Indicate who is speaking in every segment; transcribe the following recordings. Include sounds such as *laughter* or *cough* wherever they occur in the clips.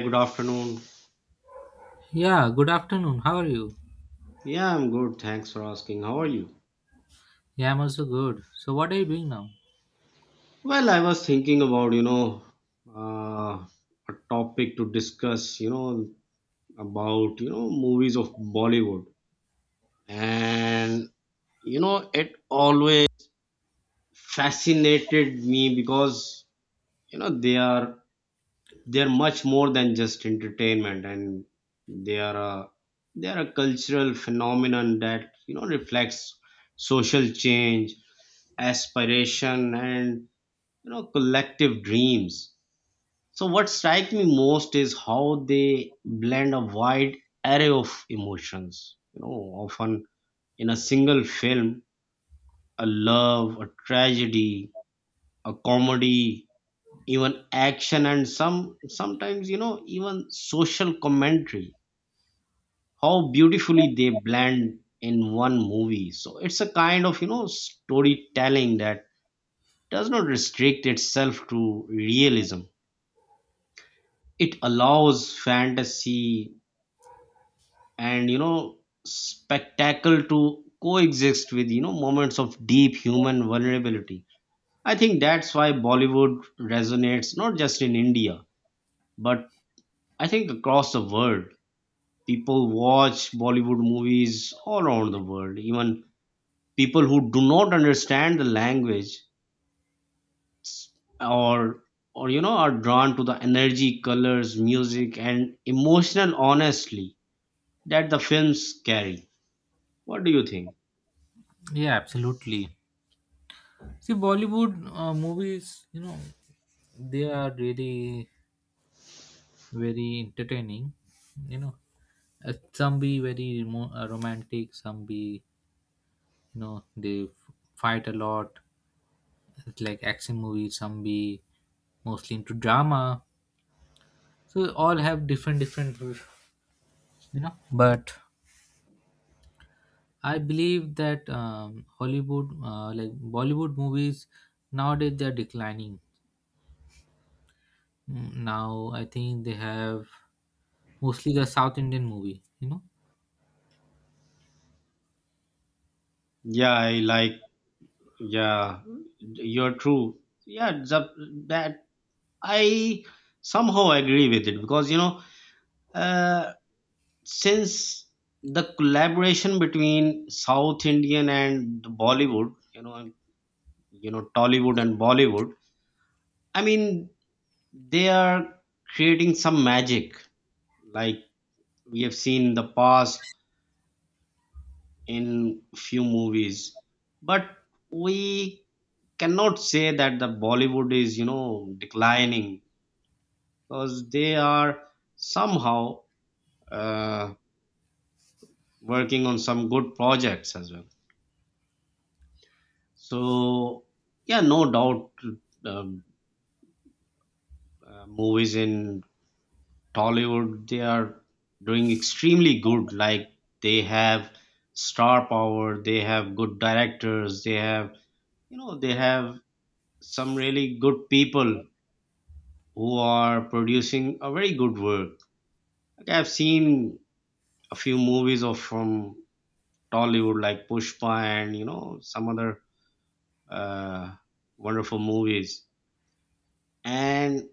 Speaker 1: Good afternoon.
Speaker 2: Yeah, good afternoon. How are you?
Speaker 1: Yeah, I'm good. Thanks for asking. How are you?
Speaker 2: Yeah, I'm also good. So, what are you doing now?
Speaker 1: Well, I was thinking about, uh, a topic to discuss, you know, about, you know, movies of Bollywood. And, you know, it always fascinated me because, you know, they're much more than just entertainment, and they are a they are a cultural phenomenon that, you know, reflects social change, aspiration, and, you know, collective dreams. So what strikes me most is how they blend a wide array of emotions, you know, often in a single film: a love, a tragedy, a comedy, even action, and sometimes, you know, even social commentary. How beautifully they blend in one movie. So it's a kind of, you know, storytelling that does not restrict itself to realism. It allows fantasy and, you know, spectacle to coexist with, you know, moments of deep human vulnerability. I think that's why Bollywood resonates not just in India, but I think across the world. People watch Bollywood movies all around the world, even people who do not understand the language, or or, you know, are drawn to the energy, colors, music, and emotional honestly that the films carry. What do you think?
Speaker 2: Yeah, absolutely. See, Bollywood movies, you know, they are really very entertaining. You know, some be very remo- romantic, some be, you know, fight a lot. It's like action movies, some be mostly into drama. So, all have different, different, you know, but I believe that Hollywood, like Bollywood movies, nowadays they are declining. Now I think they have mostly the South Indian movie. You know,
Speaker 1: Yeah, I like. Yeah. You're true. Yeah the, that i somehow agree with it because, you know, uh, since the collaboration between South Indian and Bollywood, you know, Tollywood and Bollywood, I mean, they are creating some magic, like we have seen in the past in few movies. But we cannot say that the Bollywood is, you know, declining, because they are somehow, uh, working on some good projects as well. So yeah, no doubt, um, movies in Tollywood, they are doing extremely good. Like they have star power, they have good directors, they have some really good people who are producing a very good work. Like I've seen a few movies of from Tollywood like Pushpa and, you know, some other uh, wonderful movies. And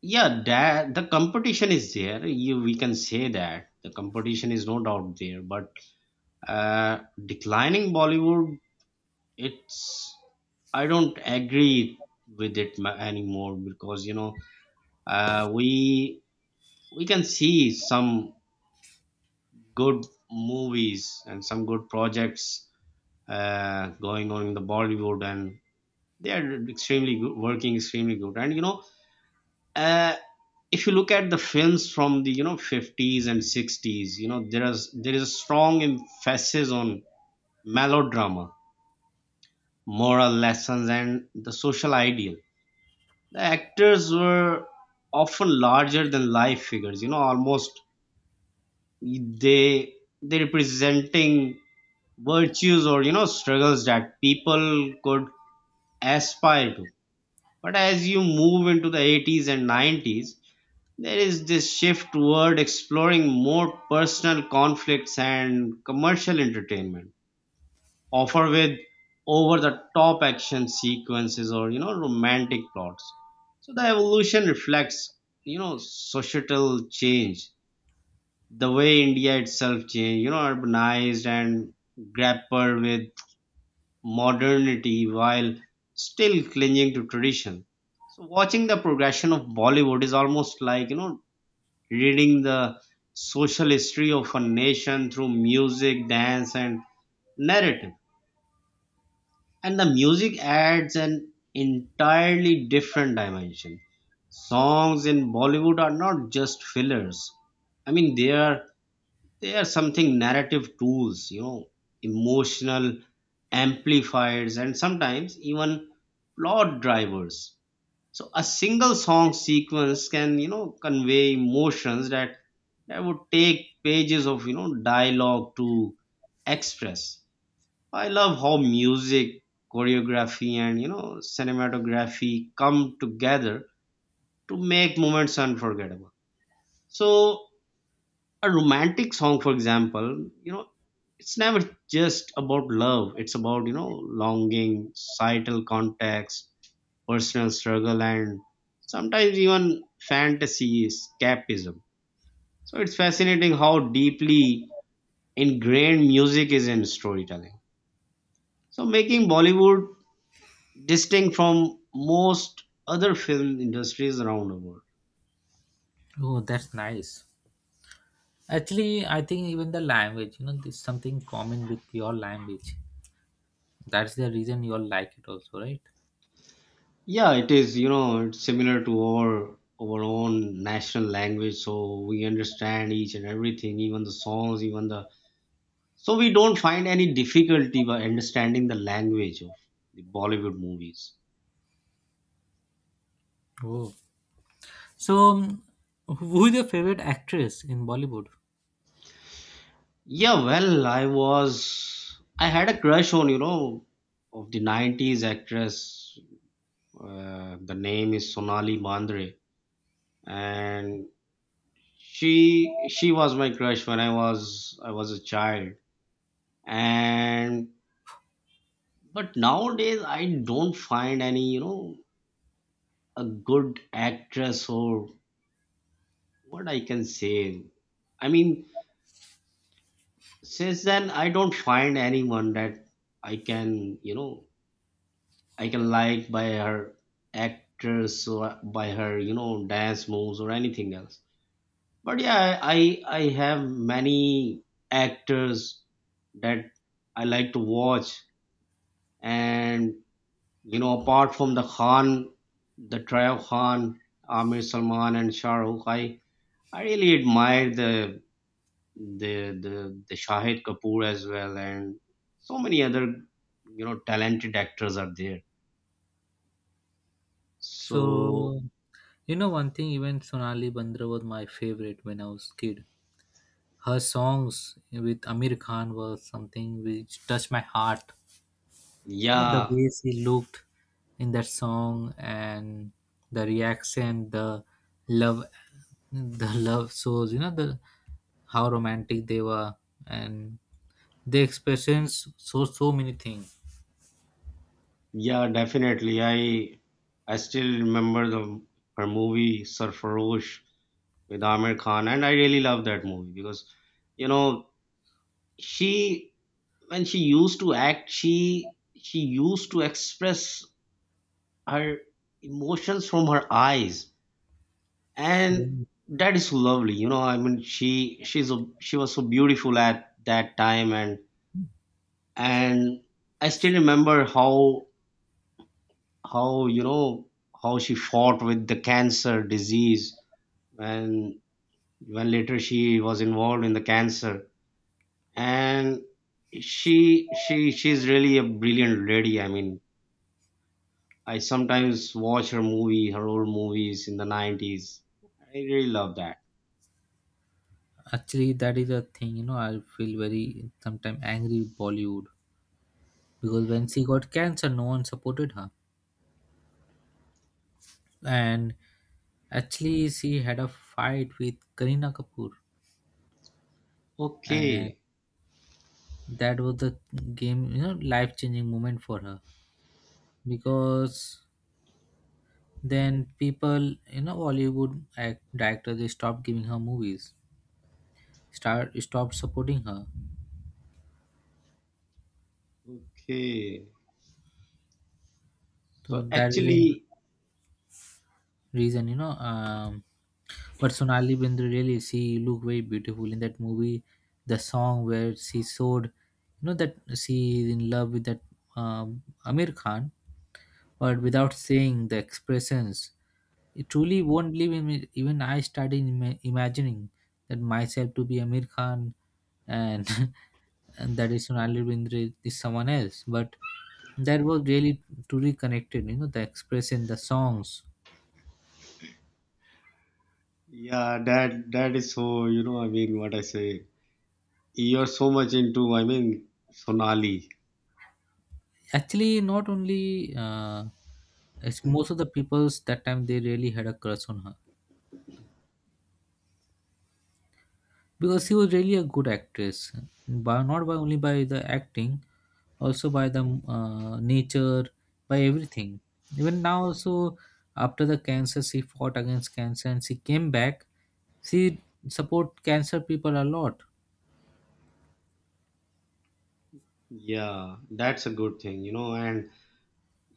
Speaker 1: yeah, that the competition is there. You, we can say that the competition is no doubt there, but declining Bollywood, it's, I don't agree with it ma- anymore, because, you know, uh we we can see some good movies and some good projects going on in the Bollywood, and they are extremely good, working extremely good. And, you know, uh if you look at the films from the, you know, 50s and 60s, you know, there is a strong emphasis on melodrama, moral lessons, and the social ideal. The actors were often larger than life figures, you know, almost they they representing virtues or, you know, struggles that people could aspire to. But as you move into the 80s and 90s, there is this shift toward exploring more personal conflicts and commercial entertainment, offer with over the top action sequences or, you know, romantic plots. So the evolution reflects, you know, societal change, the way India itself changed, you know, urbanized and grappled with modernity while still clinging to tradition. So watching the progression of Bollywood is almost like, you know, reading the social history of a nation through music, dance, and narrative. And the music adds an entirely different dimension. Songs in Bollywood are not just fillers. I mean, they are something narrative tools, you know, emotional amplifiers, and sometimes even plot drivers. So a single song sequence can, you know, convey emotions that would take pages of, you know, dialogue to express. I love how music, choreography, and, you know, cinematography come together to make moments unforgettable. So a romantic song, for example, you know, it's never just about love. It's about, you know, longing, societal context, personal struggle, and sometimes even fantasy escapism. So it's fascinating how deeply ingrained music is in storytelling, so making Bollywood distinct from most other film industries around the world.
Speaker 2: oh, that's nice. Actually, I think even the language, you know, there's something common with your language. That's the reason you all like it also, right?
Speaker 1: Yeah, it is, you know, it's similar to our own national language, so we understand each and everything, even the songs, even the, so we don't find any difficulty by understanding the language of the Bollywood movies.
Speaker 2: Oh, so who is your favorite actress in Bollywood?
Speaker 1: Yeah, well, I had a crush on, you know, of the 90s actress. The name is Sonali Mandre, and she was my crush when I was a child. And but nowadays, I don't find any, you know, a good actress or what I can say. I mean, since then, I don't find anyone that I can, you know, I can like by her actress, or by her, you know, dance moves or anything else. But yeah, I have many actors that I like to watch. And you know, apart from the Khan, the trio of Khan, Amir Salman, and Shah Rukh, I really admire the the Shahid Kapoor as well, and so many other, you know, talented actors are there. So
Speaker 2: So, you know one thing, even Sonali Bandra was my favorite when I was kid. Her songs with Amir Khan was something which touched my heart. You know, the
Speaker 1: yeah,
Speaker 2: way she looked in that song and the reaction, love, the love shows. You know, the how romantic they were and the expressions show so many things.
Speaker 1: yeah, definitely. I still remember the her movie Sarfarosh with Amir Khan, and I really love that movie because, you know, she, when she used to act, she used to express her emotions from her eyes.
Speaker 2: Yeah.
Speaker 1: And that is so lovely, you know. I mean, she was so beautiful at that time. And I still remember how, you know, how she fought with the cancer disease, when when later she was involved in the cancer. And she she she's really a brilliant lady. I mean, I sometimes watch her movie, her old movies in the 90s. I really love that.
Speaker 2: Actually, that is a thing. You know, I feel very sometimes angry with Bollywood because when she got cancer, no one supported her. And actually, she had a fight with Karina Kapoor, and
Speaker 1: Okay,
Speaker 2: that was the game, you know, life changing moment for her because then people, you know, Hollywood act, director they stopped giving her movies, start stopped supporting her.
Speaker 1: okay.
Speaker 2: So
Speaker 1: So
Speaker 2: that is the
Speaker 1: actually,
Speaker 2: reason, you know. But Sonali Bindra really, she looked very beautiful in that movie. The song where she showed, you know, that she is in love with that uh, Amir Khan, but without saying the expressions, you truly won't believe in it. Even I started imagining that myself to be Amir Khan and, *laughs* and that is Sonali Bindre is someone else. But that was really truly connected, you know, the expression, the songs.
Speaker 1: yeah, that that is so, you know, I mean what I say. You're so much into, I mean, Sonali.
Speaker 2: Actually, not only, it's most of the people's that time they really had a crush on her, because she was really a good actress, by, not by only by the acting, also by the nature, by everything. Even now, also after the cancer, she fought against cancer and she came back. She support cancer people a lot.
Speaker 1: Yeah, that's a good thing, you know. And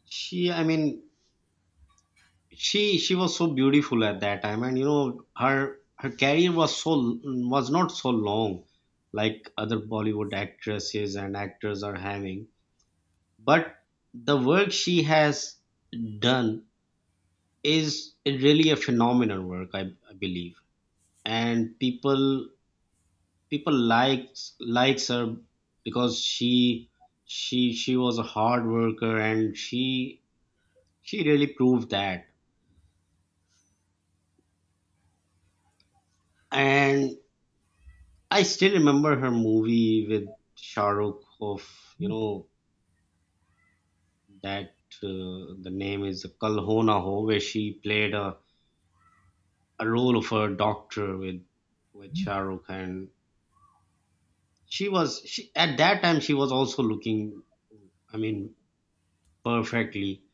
Speaker 1: she, I mean, she was so beautiful at that time, and, you know, her career was so, was not so long like other Bollywood actresses and actors are having. But the work she has done is really a phenomenal work, I believe. And people likes likes her because she was a hard worker, and she really proved that. And I still remember her movie with Shah Rukh of, you know, that, the name is Kal Ho Na Ho, where she played a role of a doctor with Shah Rukh. And she was, she at that time, she was also looking, I mean, perfectly.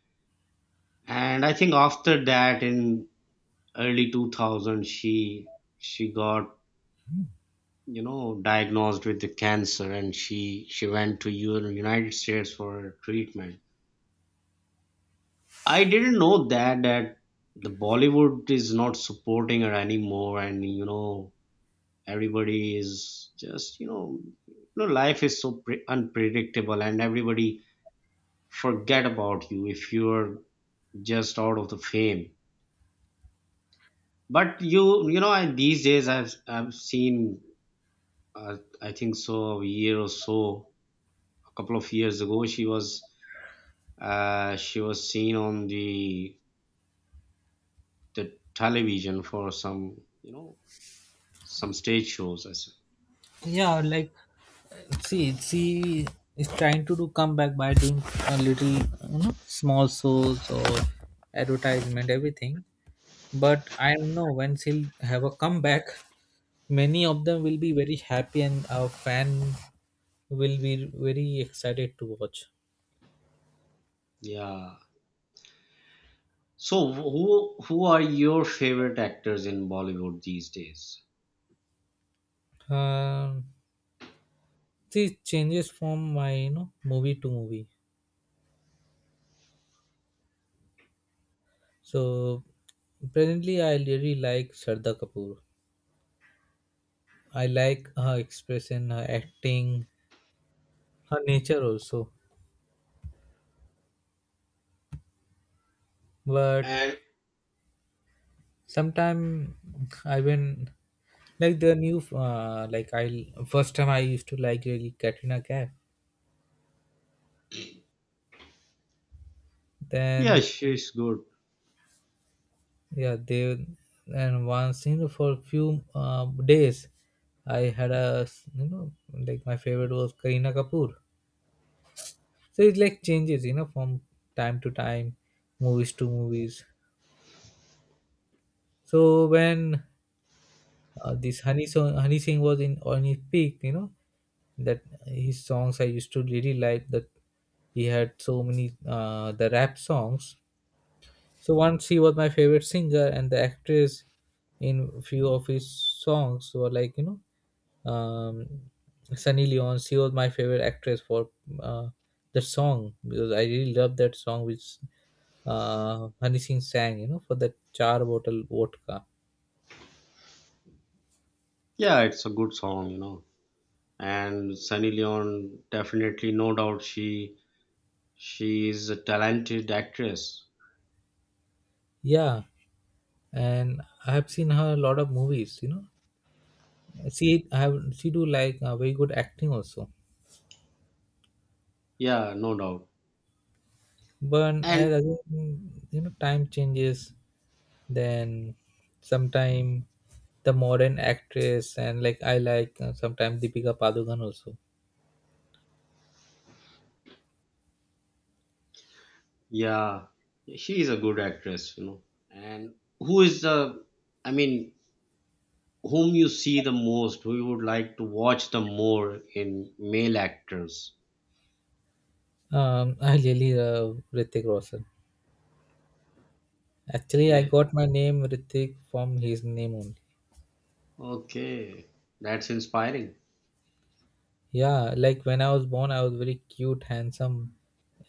Speaker 1: And I think after that, in early 2000, she got, you know, diagnosed with the cancer, and she went to U- united states for treatment. I didn't know that that the Bollywood is not supporting her anymore, and, you know, everybody is just, you know, you know, life is so pre- unpredictable, and everybody forget about you if you're just out of the fame. But you know, I, these days, I've seen, I think so a year or so, a couple of years ago she was, she was seen on the television for some, you know, some stage shows I said.
Speaker 2: Yeah, like see, she is trying to do comeback by doing a little, you know, small shows or advertisement, everything. But I don't know when she'll have a comeback. Many of them will be very happy and our fan will be very excited to watch.
Speaker 1: Yeah, so who are your favorite actors in Bollywood these days?
Speaker 2: um See, it changes from my, you know, movie to movie. So presently I really like Shraddha Kapoor. I like her expression, her acting, her nature also. But
Speaker 1: And
Speaker 2: sometime, I when like the new, like I first time I used to like really Katrina Kaif,
Speaker 1: yeah,
Speaker 2: then
Speaker 1: she's good.
Speaker 2: yeah they. And once, you know, for a few days, I had a you know, like my favorite was Kareena Kapoor. So it like changes, you know, from time to time, movies to movies. So when this honey song, Honey Singh was in on his peak, you know, that his songs I used to really like that. He had so many the rap songs. So once he was my favorite singer, and the actress in few of his songs were like, you know, um, Sunny Leon. She was my favorite actress for uh, the song, because I really love that song which Honey Singh sang, you know, for that char bottle vodka.
Speaker 1: Yeah, it's a good song, you know. And Sunny Leon, definitely, no doubt, she is a talented actress.
Speaker 2: Yeah, and I have seen her a lot of movies. You know, she I have she do like very good acting also.
Speaker 1: Yeah, no doubt.
Speaker 2: But
Speaker 1: And
Speaker 2: as again, you know, time changes. Then sometime the modern actress, and like I like, sometimes Deepika Padukan also.
Speaker 1: yeah, she is a good actress, you know. And who is the, I mean, whom you see the most, who you would like to watch the more in male actors?
Speaker 2: I really love Ritik Roshan. Actually, I
Speaker 1: Yeah.
Speaker 2: got my name Ritik from his name only.
Speaker 1: Okay. That's inspiring.
Speaker 2: Yeah, like when I was born, I was very cute, handsome,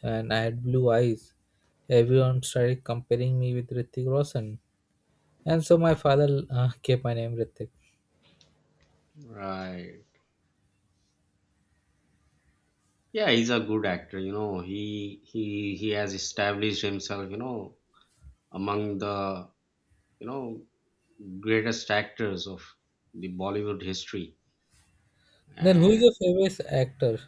Speaker 2: and I had blue eyes. Everyone started comparing me with Ritik Roshan, and so my father *laughs* gave my name Ritik.
Speaker 1: Right. Yeah, he's a good actor, you know. He has established himself, you know, among the, you know, greatest actors of the Bollywood history.
Speaker 2: Then who
Speaker 1: And
Speaker 2: is your favorite actor?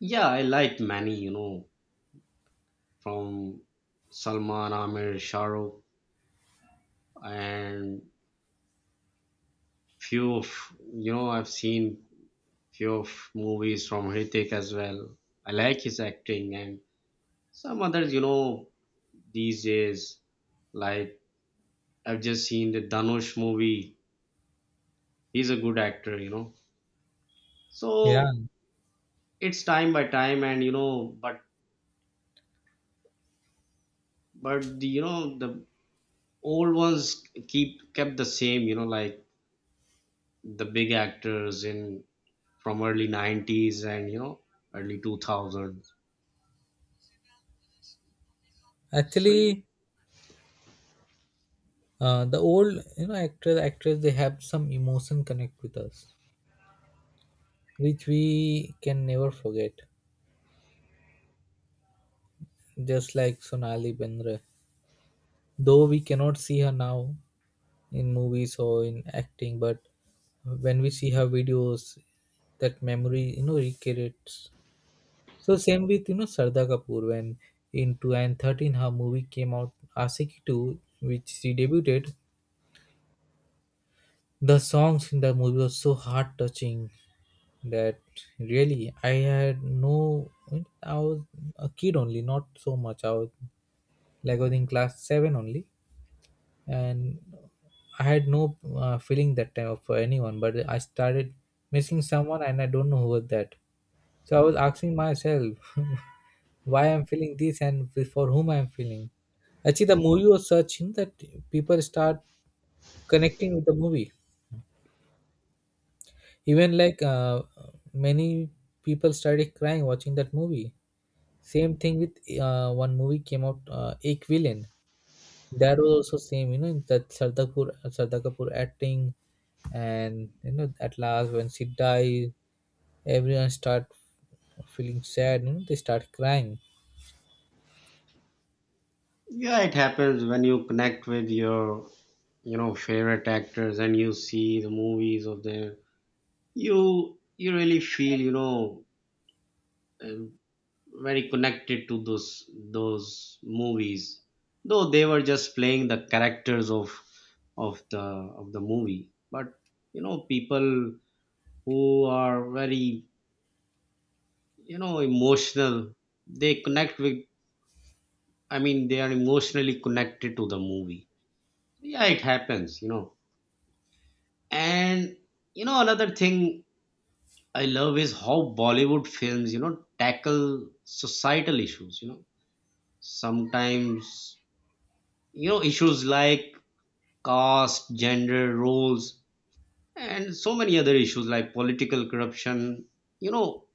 Speaker 1: yeah, I like many, you know, from Salman, Amir, Shah Rukh, and few of, you know, I've seen few of movies from Hrithik as well. I like his acting. And some others, you know, these days, like, I've just seen the Dhanush movie. He's a good actor, you know.
Speaker 2: Yeah,
Speaker 1: So it's time by time and, you know, but the, you know the old ones keep kept the same, you know, like the big actors in from early 90s and, you know, early 2000s. so y-
Speaker 2: actually, the old, you know, actors, actress, they have some emotion connect with us, which we can never forget. Just like Sonali Bendre. Though we cannot see her now in movies or in acting, but when we see her videos, that memory, you know, recreates. So same with, you know, Sarda Kapoor, when in 2013 her movie came out Asiki 2, which she debuted. The songs in the movie was so heart touching that really I had no I was a kid only, not so much. I was Like I was in class 7 only, and I had no feeling that time for anyone, but I started missing someone, and I don't know who was that. So I was asking myself *laughs* why I'm feeling this and for whom I'm feeling. Actually, the movie was such in that people start connecting with the movie. Even like many people started crying watching that movie. Same thing with one movie came out, Ek Villain. That was also same, you know, that Shraddha Kapoor acting, and you know, at last when she dies, everyone start feeling sad. You know, they start crying.
Speaker 1: yeah, it happens when you connect with your, you know, favorite actors and you see the movies of them. You really feel, you know, um, very connected to those movies, though they were just playing the characters of of the movie. But, you know, people who are very, you know, emotional, they connect with, I mean, they are emotionally connected to the movie. Yeah, it happens, you know. And, you know, another thing I love is how Bollywood films, you know, tackle societal issues, you know. Sometimes, you know, issues like caste, gender roles, and so many other issues like political corruption, you know,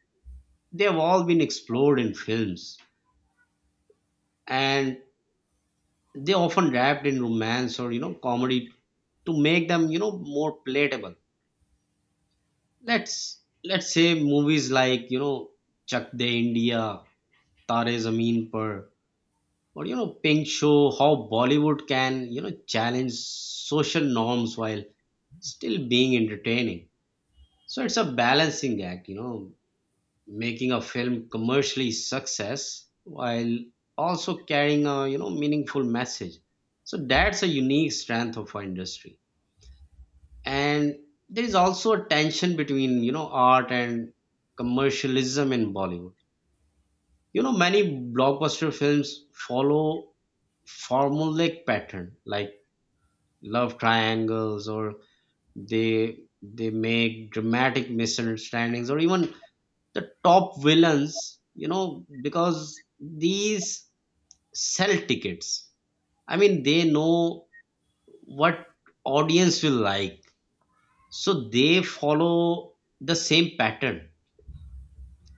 Speaker 1: they have all been explored in films. And they often wrapped in romance or, you know, comedy to make them, you know, more palatable. Let's say movies like, you know, Chak De India, Tare Zameen Par, or, you know, Pink show how Bollywood can, you know, challenge social norms while still being entertaining. So it's a balancing act, you know, making a film commercially success, while also carrying a, you know, meaningful message. So that's a unique strength of our industry. And there is also a tension between, you know, art and commercialism in Bollywood. You know, many blockbuster films follow formulaic pattern, like love triangles, or they make dramatic misunderstandings, or even the top villains, you know, because these sell tickets. I mean, they know what audience will like, so they follow the same pattern.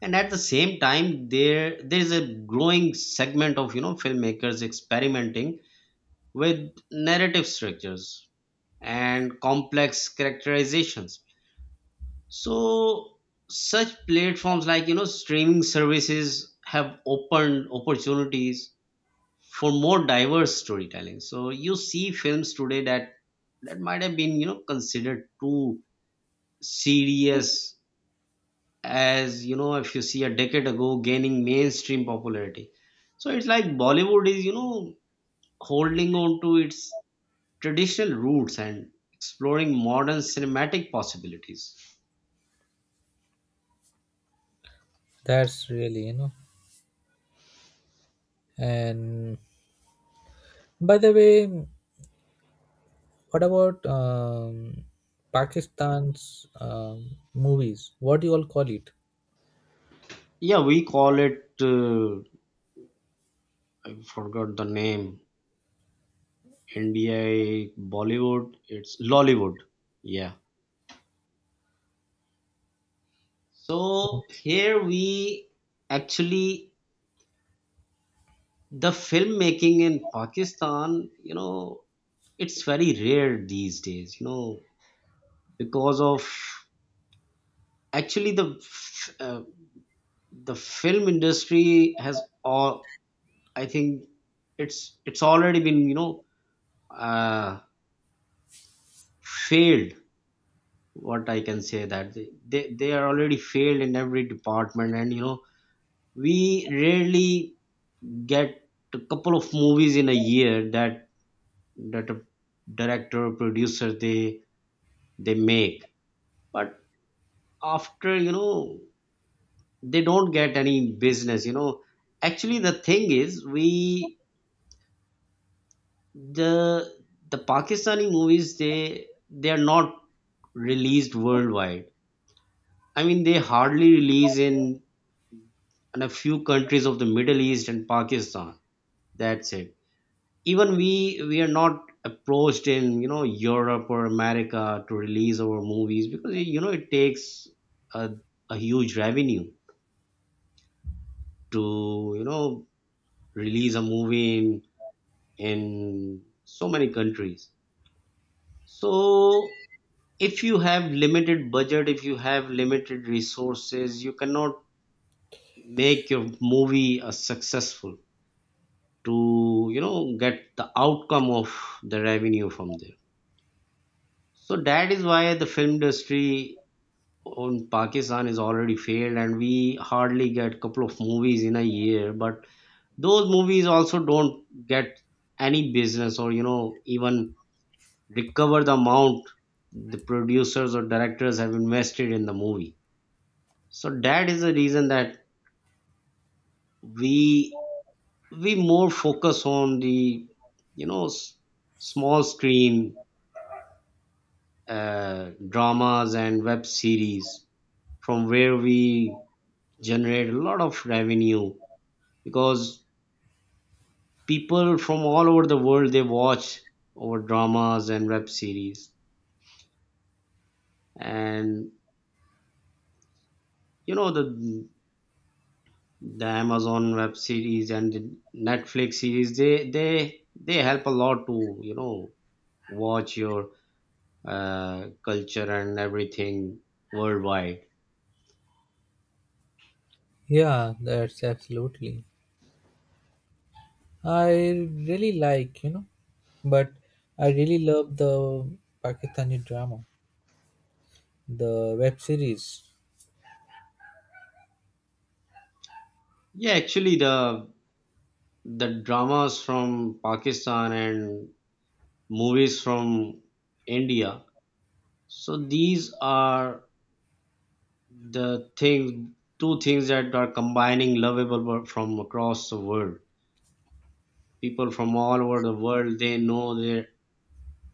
Speaker 1: And at the same time, there is a growing segment of, you know, filmmakers experimenting with narrative structures and complex characterizations. So such platforms like, you know, streaming services have opened opportunities for more diverse storytelling. So you see films today that that might have been, you know, considered too serious, as, you know, if you see a decade ago, gaining mainstream popularity. So it's like Bollywood is, you know, holding on to its traditional roots and exploring modern cinematic possibilities.
Speaker 2: That's really, you know. And by the way, what about Pakistan's movies? What do you all call it?
Speaker 1: Yeah, we call it, I forgot the name. Nda Bollywood, it's Lollywood. Yeah. So here we, actually, the filmmaking in Pakistan, you know, it's very rare these days. You know, because of, actually the the film industry has all, I think, it's already been, you know, uh, failed. What I can say that they, they are already failed in every department. And, you know, we rarely get a couple of movies in a year that that a director or producer, they make. But after, you know, they don't get any business, you know. Actually, the thing is, we, the the Pakistani movies, they are not released worldwide. I mean, they hardly release in a few countries of the Middle East and Pakistan. That's it. Even we are not approached in, you know, Europe or America to release our movies, because, you know, it takes a, a huge revenue to, you know, release a movie in so many countries. So, if you have limited budget, if you have limited resources, you cannot make your movie a successful to, you know, get the outcome of the revenue from there. So that is why the film industry on Pakistan is already failed, and we hardly get couple of movies in a year. But those movies also don't get any business, or, you know, even recover the amount the producers or directors have invested in the movie. So that is the reason that we we more focus on the, you know, small screen dramas and web series, from where we generate a lot of revenue, because people from all over the world, they watch our dramas and web series. And, you know, the Amazon web series and the Netflix series, they they help a lot to, you know, watch your culture and everything worldwide.
Speaker 2: Yeah, that's absolutely. I really like, you know, but I really love the Pakistani drama, the web series.
Speaker 1: Yeah, actually, the dramas from Pakistan and movies from India. So these are the things, two things that are combining lovable from across the world. People from all over the world, they know their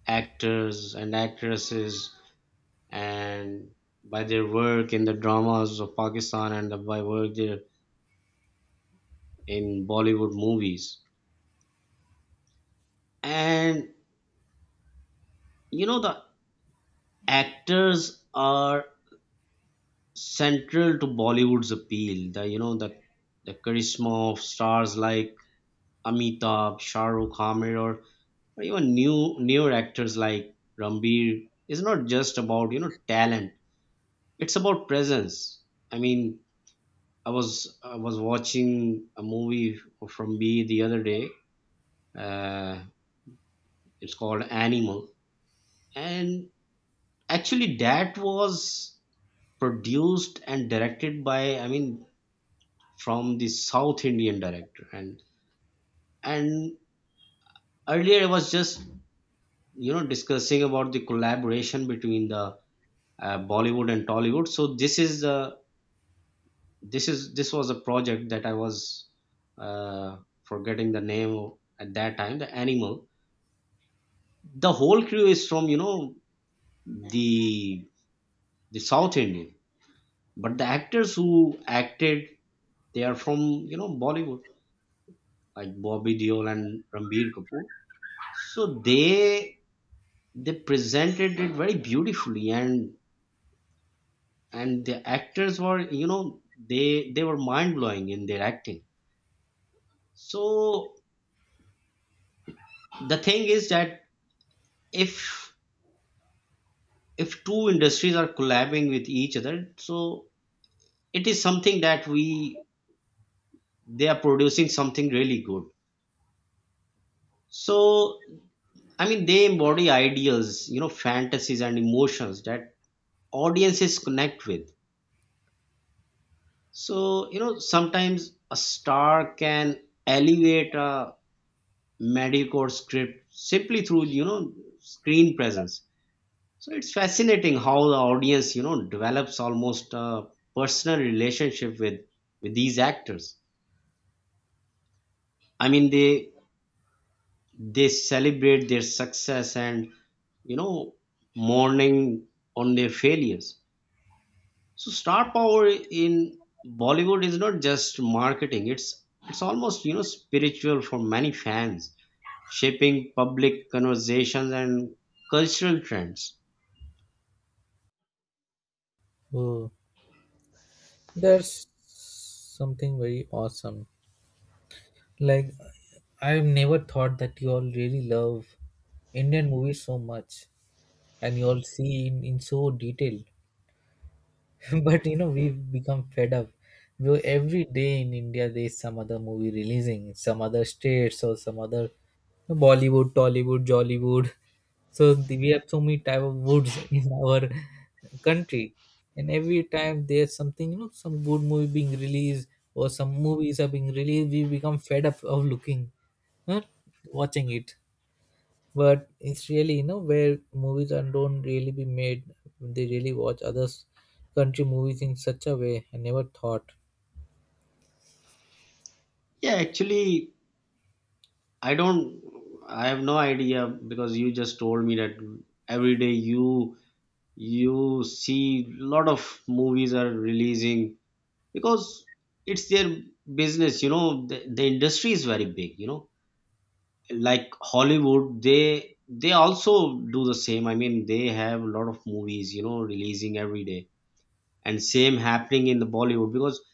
Speaker 1: actors and actresses, and by their work in the dramas of Pakistan, and the, by work there in Bollywood movies. And, you know, the actors are central to Bollywood's appeal. The, you know, the charisma of stars like Amitabh, Shah Rukh, Amir, or even newer actors like Rambir is not just about, you know, talent. It's about presence. I mean, I was watching a movie from B the other day. Uh, it's called Animal. And actually that was produced and directed by, I mean, from the South Indian director. And earlier I was just, you know, discussing about the collaboration between the Bollywood and Tollywood. So this is the this was a project that I was uh, forgetting the name of at that time. The Animal, the whole crew is from, you know, the the South Indian, but the actors who acted, they are from, you know, Bollywood, like Bobby Deol and Ranbir Kapoor. So they presented it very beautifully, and the actors were, you know, they were mind blowing in their acting. So the thing is that, if if two industries are collabing with each other, so it is something that we they are producing something really good. So, I mean, they embody ideas, you know, fantasies and emotions that audiences connect with. So, you know, sometimes a star can elevate a mediocre script simply through, you know, screen presence. So it's fascinating how the audience, you know, develops almost a personal relationship with these actors. I mean, they celebrate their success and, you know, mourning on their failures. So star power in Bollywood is not just marketing, it's almost, you know, spiritual for many fans, shaping public conversations and cultural trends.
Speaker 2: Oh, that's something very awesome. Like I've never thought that you all really love Indian movies so much, and you all see in so detail. *laughs* But you know we've become fed up. Though every day in India there's some other movie releasing in some other states or some other Bollywood, Tollywood, Jollywood, so we have so many type of woods *laughs* in our country, and every time there's something, you know, some good movie being released or some movies are being released, we become fed up of looking, huh? Watching it. But it's really, you know, where movies are don't really be made, they really watch others country movies in such a way I never thought.
Speaker 1: Yeah, actually, I don't, I have no idea, because you just told me that every day you see lot of movies are releasing, because it's their business, you know. The industry is very big, you know, like Hollywood, they also do the same. I mean, they have a lot of movies, you know, releasing every day. And same happening in the Bollywood, because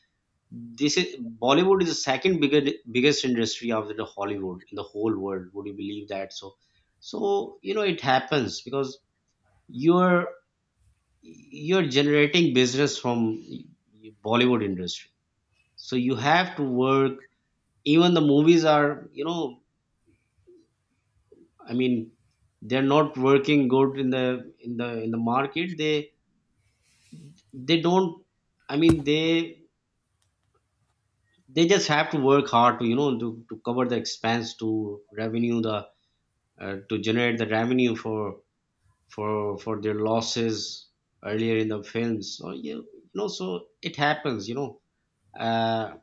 Speaker 1: this is, Bollywood is the second biggest industry after the Hollywood in the whole world, would you believe that? So so, you know, it happens because you're you're generating business from Bollywood industry, so you have to work. Even the movies are, you know, I mean, they're not working good in the in the market. They don't. I mean, they just have to work hard to, you know, to cover the expense to revenue the to generate the revenue for for their losses earlier in the films. So you know so it happens. You know, uh,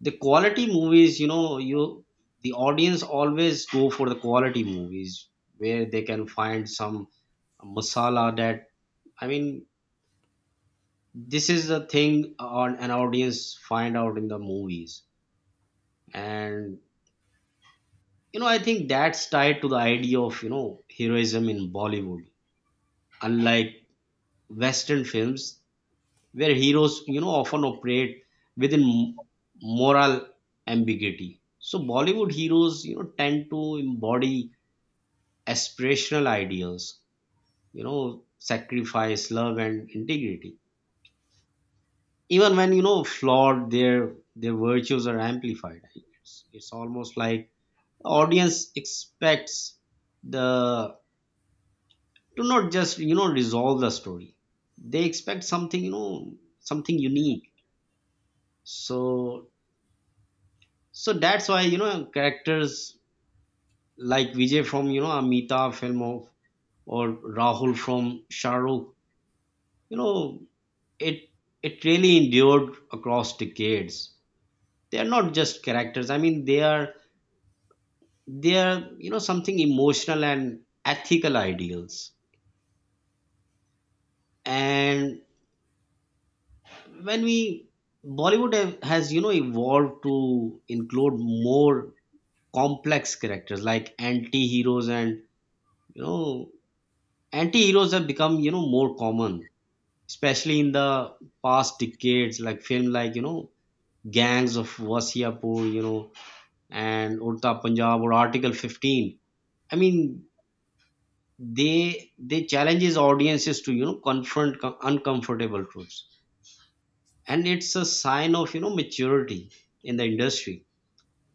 Speaker 1: the quality movies. You know, you the audience always go for the quality movies where they can find some masala, that I mean, this is the thing on an audience find out in the movies. And, you know, I think that's tied to the idea of, you know, heroism in Bollywood. Unlike Western films, where heroes, you know, often operate within moral ambiguity, so Bollywood heroes, you know, tend to embody aspirational ideals, you know, sacrifice, love and integrity. Even when, you know, flawed, their virtues are amplified. It's almost like the audience expects the to not just, you know, resolve the story. They expect something, you know, something unique. So so that's why, you know, characters like Vijay from, you know, Amitabh film of, or Rahul from Shahrukh, you know, it it really endured across decades. They are not just characters, I mean, they are they are, you know, something emotional and ethical ideals. And when we, Bollywood has, you know, evolved to include more complex characters like anti-heroes, and, you know, anti-heroes have become, you know, more common, especially in the past decades, like film like, you know, Gangs of Wasiapur, you know, and Urta Punjab or Article 15. I mean, they challenges audiences to, you know, confront uncomfortable truths. And it's a sign of, you know, maturity in the industry,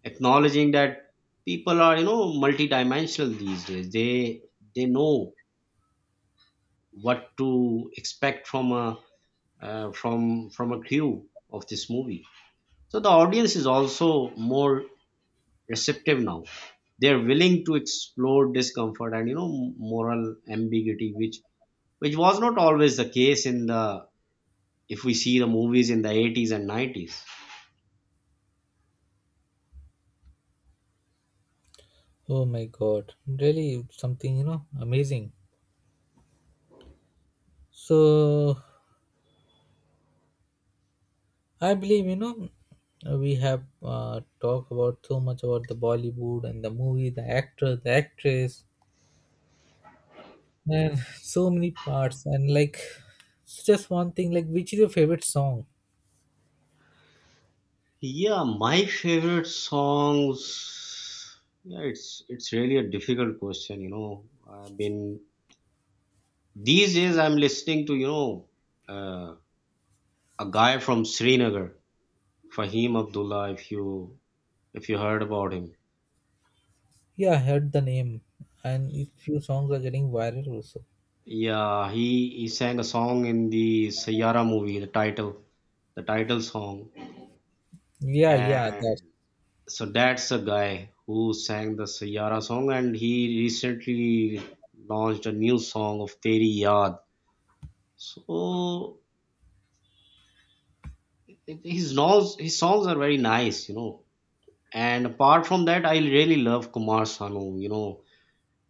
Speaker 1: acknowledging that people are, you know, multidimensional these days. They know what to expect from a, from from a crew of this movie. So the audience is also more receptive now. They're willing to explore discomfort and, you know, moral ambiguity, which was not always the case, in the, if we see the movies in the 80s and 90s.
Speaker 2: Oh my god, really something, you know, amazing. So I believe, you know, we have talked about so much about the Bollywood and the movie, the actor, the actress, and *laughs* so many parts, and like just one thing, like which is your favorite song?
Speaker 1: Yeah, my favorite songs. Yeah, it's really a difficult question, you know. I've been, these days I'm listening to, you know, uh, a guy from Srinagar, Fahim Abdullah, if you, if you heard about him.
Speaker 2: Yeah, I heard the name, and a few songs are getting viral also.
Speaker 1: Yeah, he sang a song in the Sayara movie, the title, the title song.
Speaker 2: Yeah, yeah, that.
Speaker 1: And so that's a guy who sang the Sayara song, and he recently launched a new song of Teri Yaad. So his songs are very nice, you know. And apart from that, I really love Kumar Sanu, you know,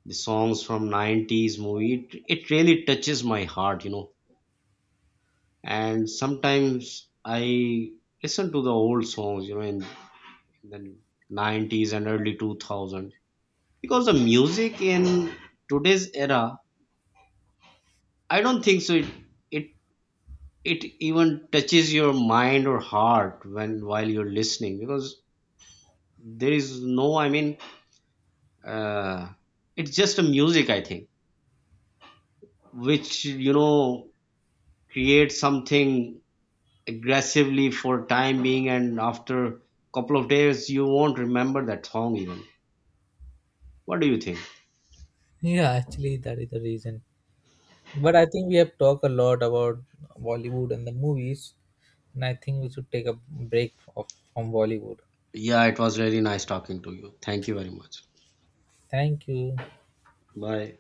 Speaker 1: the songs from 90s movie. It really touches my heart, you know. And sometimes I listen to the old songs, you know, in the 90s and early 2000s, because the music in today's era, I don't think so. It it even touches your mind or heart when while you're listening, because there is no, I mean, uh, it's just a music. I think which, you know, creates something aggressively for time being, and after a couple of days you won't remember that song even. What do you think?
Speaker 2: Yeah, actually, that is the reason. But I think we have talked a lot about Bollywood and the movies, and I think we should take a break of, from Bollywood.
Speaker 1: Yeah, it was really nice talking to you. Thank you very much.
Speaker 2: Thank you.
Speaker 1: Bye.